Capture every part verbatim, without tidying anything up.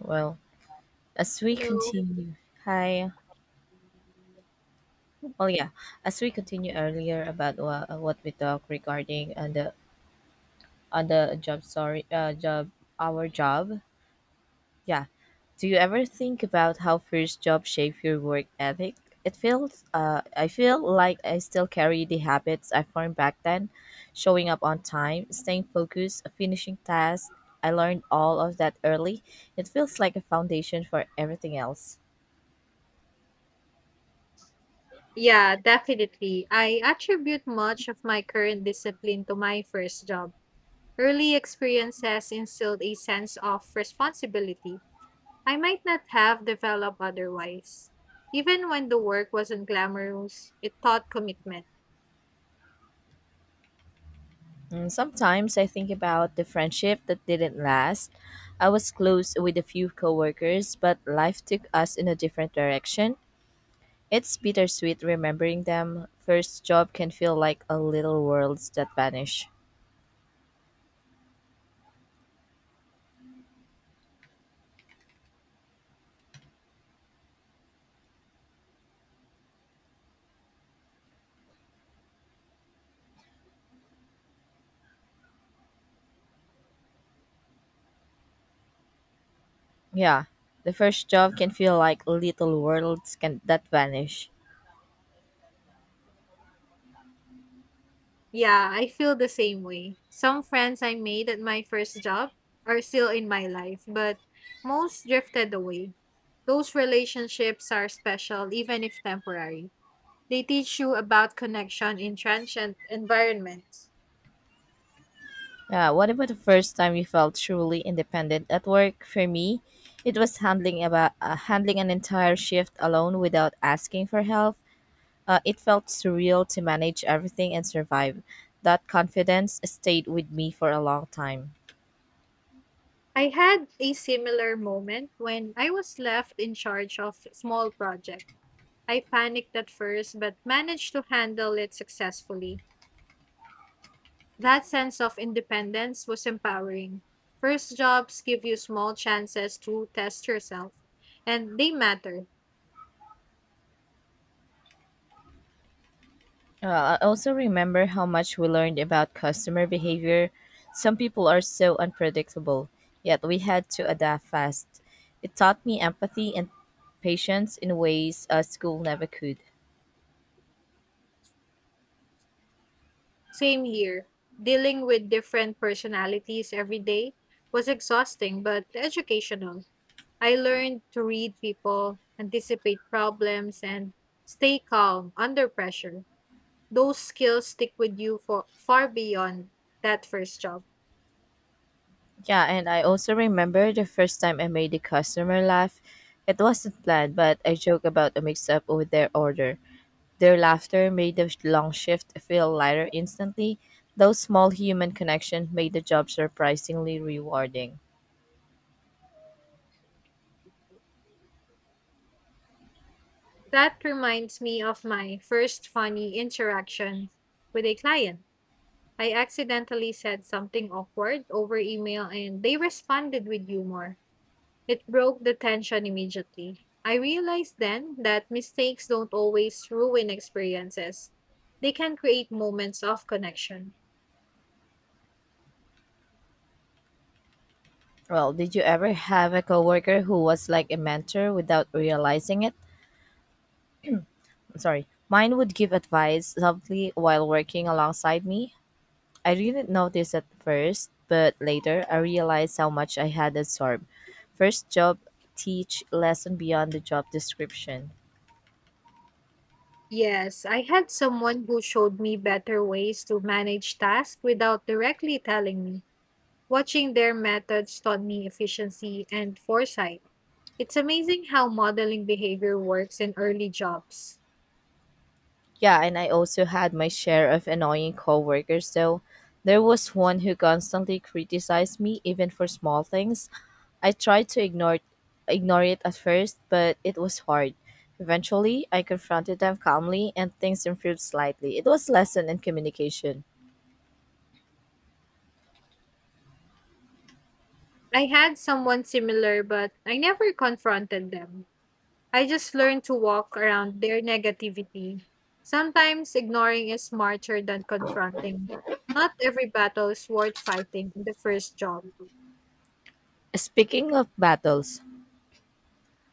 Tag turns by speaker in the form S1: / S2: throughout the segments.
S1: Well, as we
S2: Hello.
S1: continue, hi. Well, yeah, as we continue earlier about what, what we talked regarding on the on the job sorry uh, job our job. Yeah. Do you ever think about how first job shape your work ethic? It feels uh I feel like I still carry the habits I formed back then, showing up on time, staying focused, finishing tasks. I learned all of that early. It feels like a foundation for everything else.
S2: Yeah, definitely. I attribute much of my current discipline to my first job. Early experiences instilled a sense of responsibility I might not have developed otherwise. Even when the work wasn't glamorous, it taught commitment.
S1: Mm, Sometimes I think about the friendship that didn't last. I was close with a few coworkers, but life took us in a different direction. It's bittersweet remembering them. First job can feel like a little worlds that vanish. Yeah, the first job can feel like little worlds can that vanish.
S2: Yeah, I feel the same way. Some friends I made at my first job are still in my life, but most drifted away. Those relationships are special, even if temporary, they teach you about connection in transient environments.
S1: Yeah, what about the first time you felt truly independent at work? For me, it was handling about uh, handling an entire shift alone without asking for help. Uh, it felt surreal to manage everything and survive. That confidence stayed with me for a long time.
S2: I had a similar moment when I was left in charge of a small project. I panicked at first but managed to handle it successfully. That sense of independence was empowering. First jobs give you small chances to test yourself, and they matter.
S1: Uh, I also remember how much we learned about customer behavior. Some people are so unpredictable, yet we had to adapt fast. It taught me empathy and patience in ways uh, school never could.
S2: Same here. Dealing with different personalities every day was exhausting but educational. I learned to read people, anticipate problems, and stay calm under pressure. Those skills stick with you for far beyond that first job.
S1: Yeah, and I also remember the first time I made a customer laugh. It wasn't planned, but I joke about a mix up with their order. Their laughter made the long shift feel lighter instantly. Those small human connections made the job surprisingly rewarding.
S2: That reminds me of my first funny interaction with a client. I accidentally said something awkward over email and they responded with humor. It broke the tension immediately. I realized then that mistakes don't always ruin experiences. They can create moments of connection.
S1: Well, did you ever have a coworker who was like a mentor without realizing it? Sorry. Mine would give advice softly while working alongside me. I didn't notice at first, but later I realized how much I had absorbed. First job teach lesson beyond the job description.
S2: Yes, I had someone who showed me better ways to manage tasks without directly telling me. Watching their methods taught me efficiency and foresight. It's amazing how modeling behavior works in early jobs.
S1: Yeah, and I also had my share of annoying coworkers though. There was one who constantly criticized me even for small things. I tried to ignore ignore it at first, but it was hard. Eventually, I confronted them calmly and things improved slightly. It was lesson in communication.
S2: I had someone similar, but I never confronted them. I just learned to walk around their negativity. Sometimes ignoring is smarter than confronting. Not every battle is worth fighting in the first job.
S1: Speaking of battles,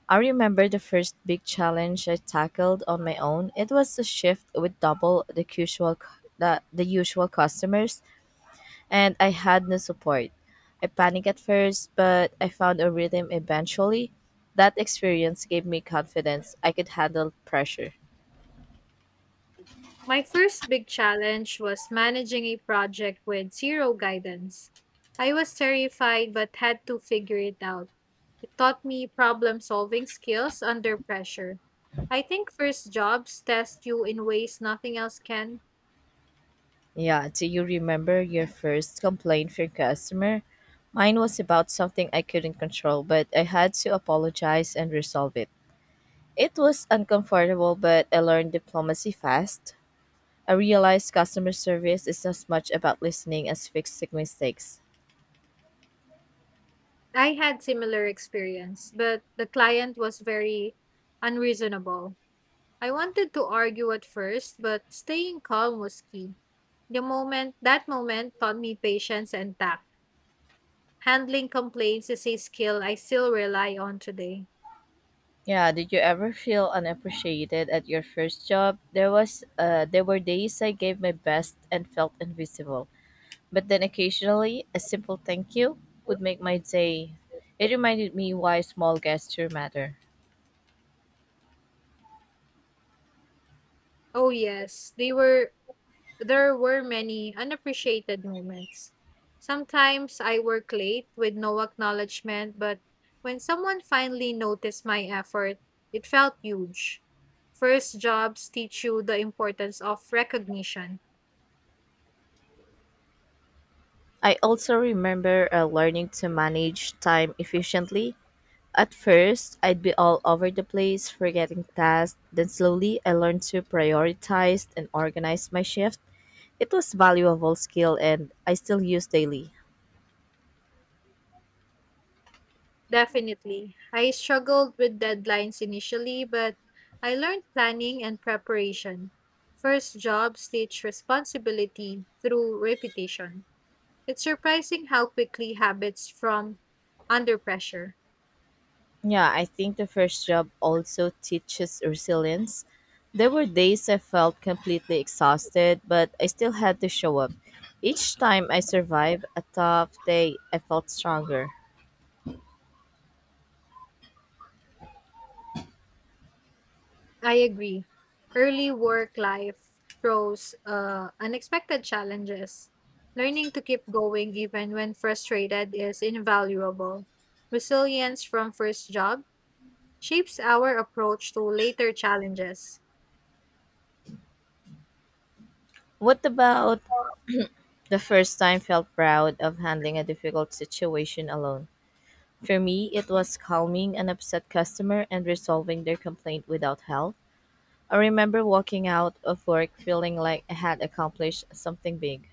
S1: I remember the first big challenge I tackled on my own. It was a shift with double the usual cu- the, the usual customers and I had no support. I panicked at first, but I found a rhythm eventually. That experience gave me confidence I could handle pressure.
S2: My first big challenge was managing a project with zero guidance. I was terrified but had to figure it out. It taught me problem solving skills under pressure. I think first jobs test you in ways nothing else can.
S1: Yeah, do you remember your first complaint for customer? Mine was about something I couldn't control, but I had to apologize and resolve it. It was uncomfortable, but I learned diplomacy fast. I realized customer service is as much about listening as fixing mistakes.
S2: I had similar experience, but the client was very unreasonable. I wanted to argue at first, but staying calm was key. The moment that moment taught me patience and tact. Handling complaints is a skill I still rely on today.
S1: Yeah, did you ever feel unappreciated at your first job? There was uh there were days I gave my best and felt invisible. But then occasionally a simple thank you would make my day. It reminded me why small gestures matter.
S2: Oh yes, they were there were many unappreciated moments. Sometimes I work late with no acknowledgement, but when someone finally noticed my effort, it felt huge. First jobs teach you the importance of recognition.
S1: I also remember uh, learning to manage time efficiently. At first, I'd be all over the place, forgetting tasks. Then slowly, I learned to prioritize and organize my shift. It was valuable skill and I still use daily.
S2: Definitely. I struggled with deadlines initially, but I learned planning and preparation. First jobs teach responsibility through repetition. It's surprising how quickly habits from under pressure.
S1: Yeah, I think the first job also teaches resilience. There were days I felt completely exhausted, but I still had to show up. Each time I survived a tough day, I felt stronger.
S2: I agree. Early work life throws uh, unexpected challenges. Learning to keep going even when frustrated is invaluable. Resilience from first jobs shapes our approach to later challenges.
S1: What about the first time felt proud of handling a difficult situation alone? For me, it was calming an upset customer and resolving their complaint without help. I remember walking out of work feeling like I had accomplished something big.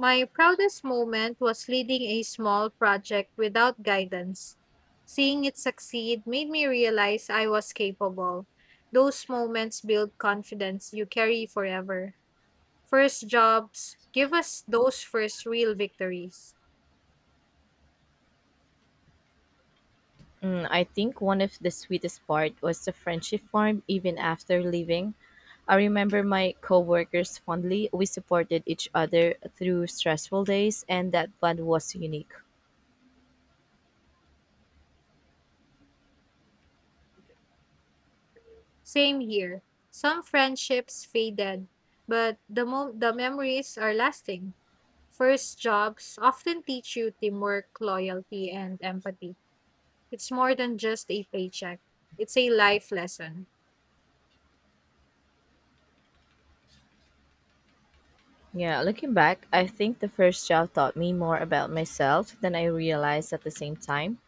S2: My proudest moment was leading a small project without guidance. Seeing it succeed made me realize I was capable. Those moments build confidence you carry forever. First jobs give us those first real victories.
S1: Mm, I think one of the sweetest part was the friendship formed even after leaving. I remember my coworkers fondly. We supported each other through stressful days, and that bond was unique.
S2: Same here. Some friendships faded, but the mo- the memories are lasting. First jobs often teach you teamwork, loyalty, and empathy. It's more than just a paycheck, it's a life lesson.
S1: Yeah, looking back, I think the first job taught me more about myself than I realized at the same time.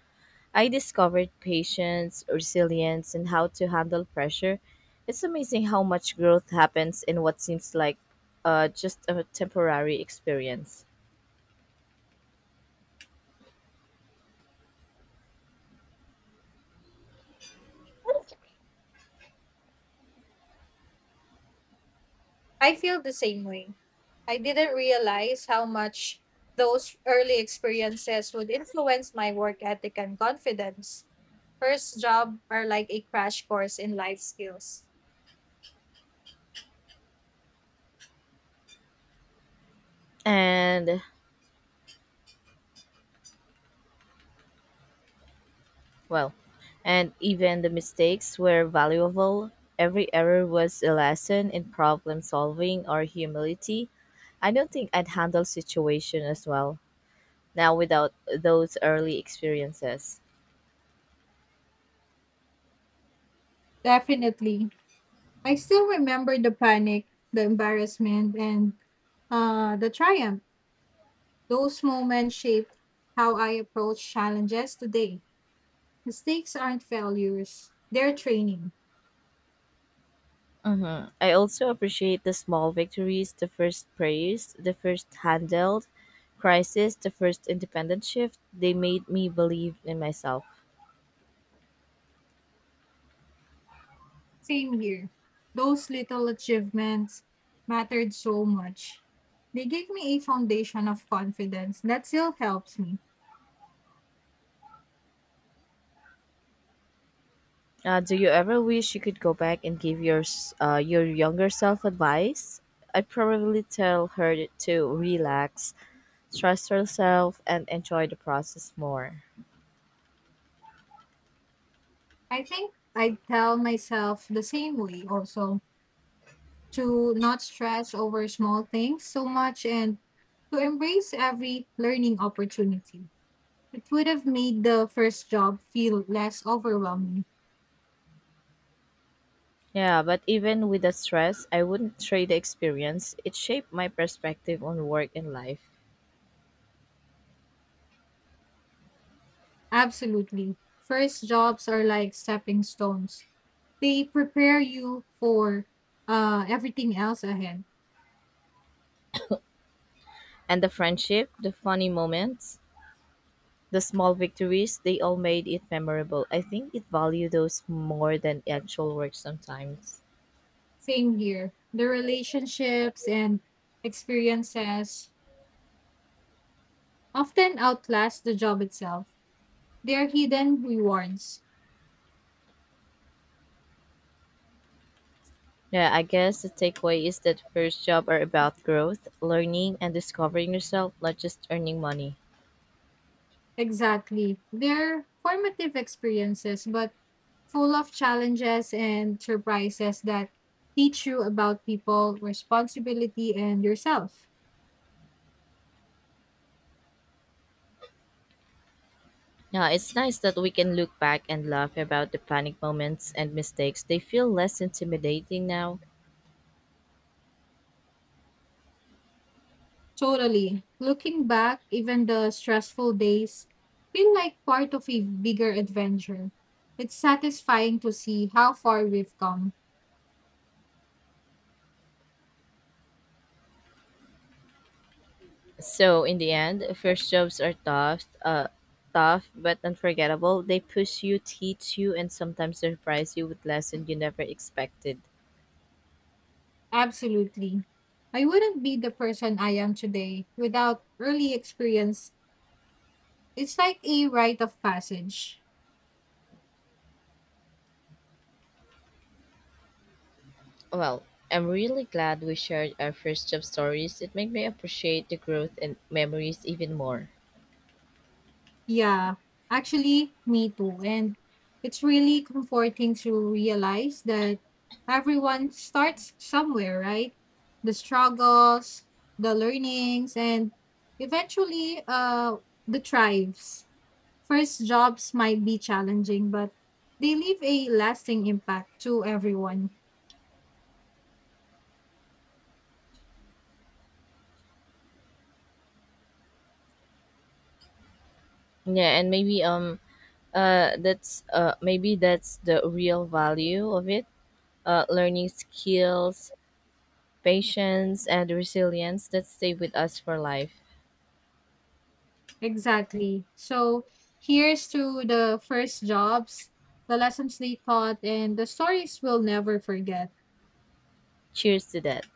S1: I discovered patience, resilience, and how to handle pressure. It's amazing how much growth happens in what seems like uh, just a temporary experience.
S2: I feel the same way. I didn't realize how much those early experiences would influence my work ethic and confidence. First job are like a crash course in life skills.
S1: And, well, and even the mistakes were valuable. Every error was a lesson in problem solving or humility. I don't think I'd handle situation as well now without those early experiences.
S2: Definitely. I still remember the panic, the embarrassment, and uh, the triumph. Those moments shaped how I approach challenges today. Mistakes aren't failures, they're training.
S1: Mm-hmm. I also appreciate the small victories, the first prayers, the first handled crisis, the first independent shift. They made me believe in myself.
S2: Same here. Those little achievements mattered so much. They gave me a foundation of confidence that still helps me.
S1: Uh, do you ever wish you could go back and give your s- uh, your younger self advice? I'd probably tell her to relax, trust herself, and enjoy the process more.
S2: I think I tell myself the same way also to not stress over small things so much and to embrace every learning opportunity. It would have made the first job feel less overwhelming.
S1: Yeah, but even with the stress, I wouldn't trade the experience. It shaped my perspective on work and life.
S2: Absolutely. First jobs are like stepping stones, they prepare you for uh, everything else ahead.
S1: And the friendship, the funny moments, the small victories, they all made it memorable. I think it value those more than actual work sometimes.
S2: Same here. The relationships and experiences often outlast the job itself. They are hidden rewards.
S1: Yeah, I guess the takeaway is that first job are about growth, learning and discovering yourself, not just earning money.
S2: Exactly. They're formative experiences, but full of challenges and surprises that teach you about people, responsibility, and yourself.
S1: Yeah, it's nice that we can look back and laugh about the panic moments and mistakes. They feel less intimidating now.
S2: Totally. Looking back, even the stressful days feel like part of a bigger adventure. It's satisfying to see how far we've come.
S1: So in the end, first jobs are tough, uh, tough but unforgettable. They push you, teach you, and sometimes surprise you with lessons you never expected.
S2: Absolutely. I wouldn't be the person I am today without early experience. It's like a rite of passage.
S1: Well, I'm really glad we shared our first job stories. It made me appreciate the growth and memories even more.
S2: Yeah, actually, me too. And it's really comforting to realize that everyone starts somewhere, right? The struggles, the learnings, and eventually uh, the thrives. First jobs might be challenging, but they leave a lasting impact to everyone.
S1: Yeah, and maybe um uh that's uh maybe that's the real value of it. Uh, learning skills, patience, and resilience that stay with us for life.
S2: Exactly. So here's to the first jobs, the lessons they taught, and the stories we'll never forget.
S1: Cheers to that.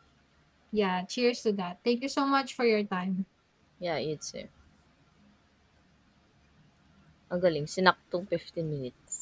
S2: Yeah, cheers to that. Thank you so much for your time.
S1: Yeah, you too. Ang galing, sinaktong fifteen minutes.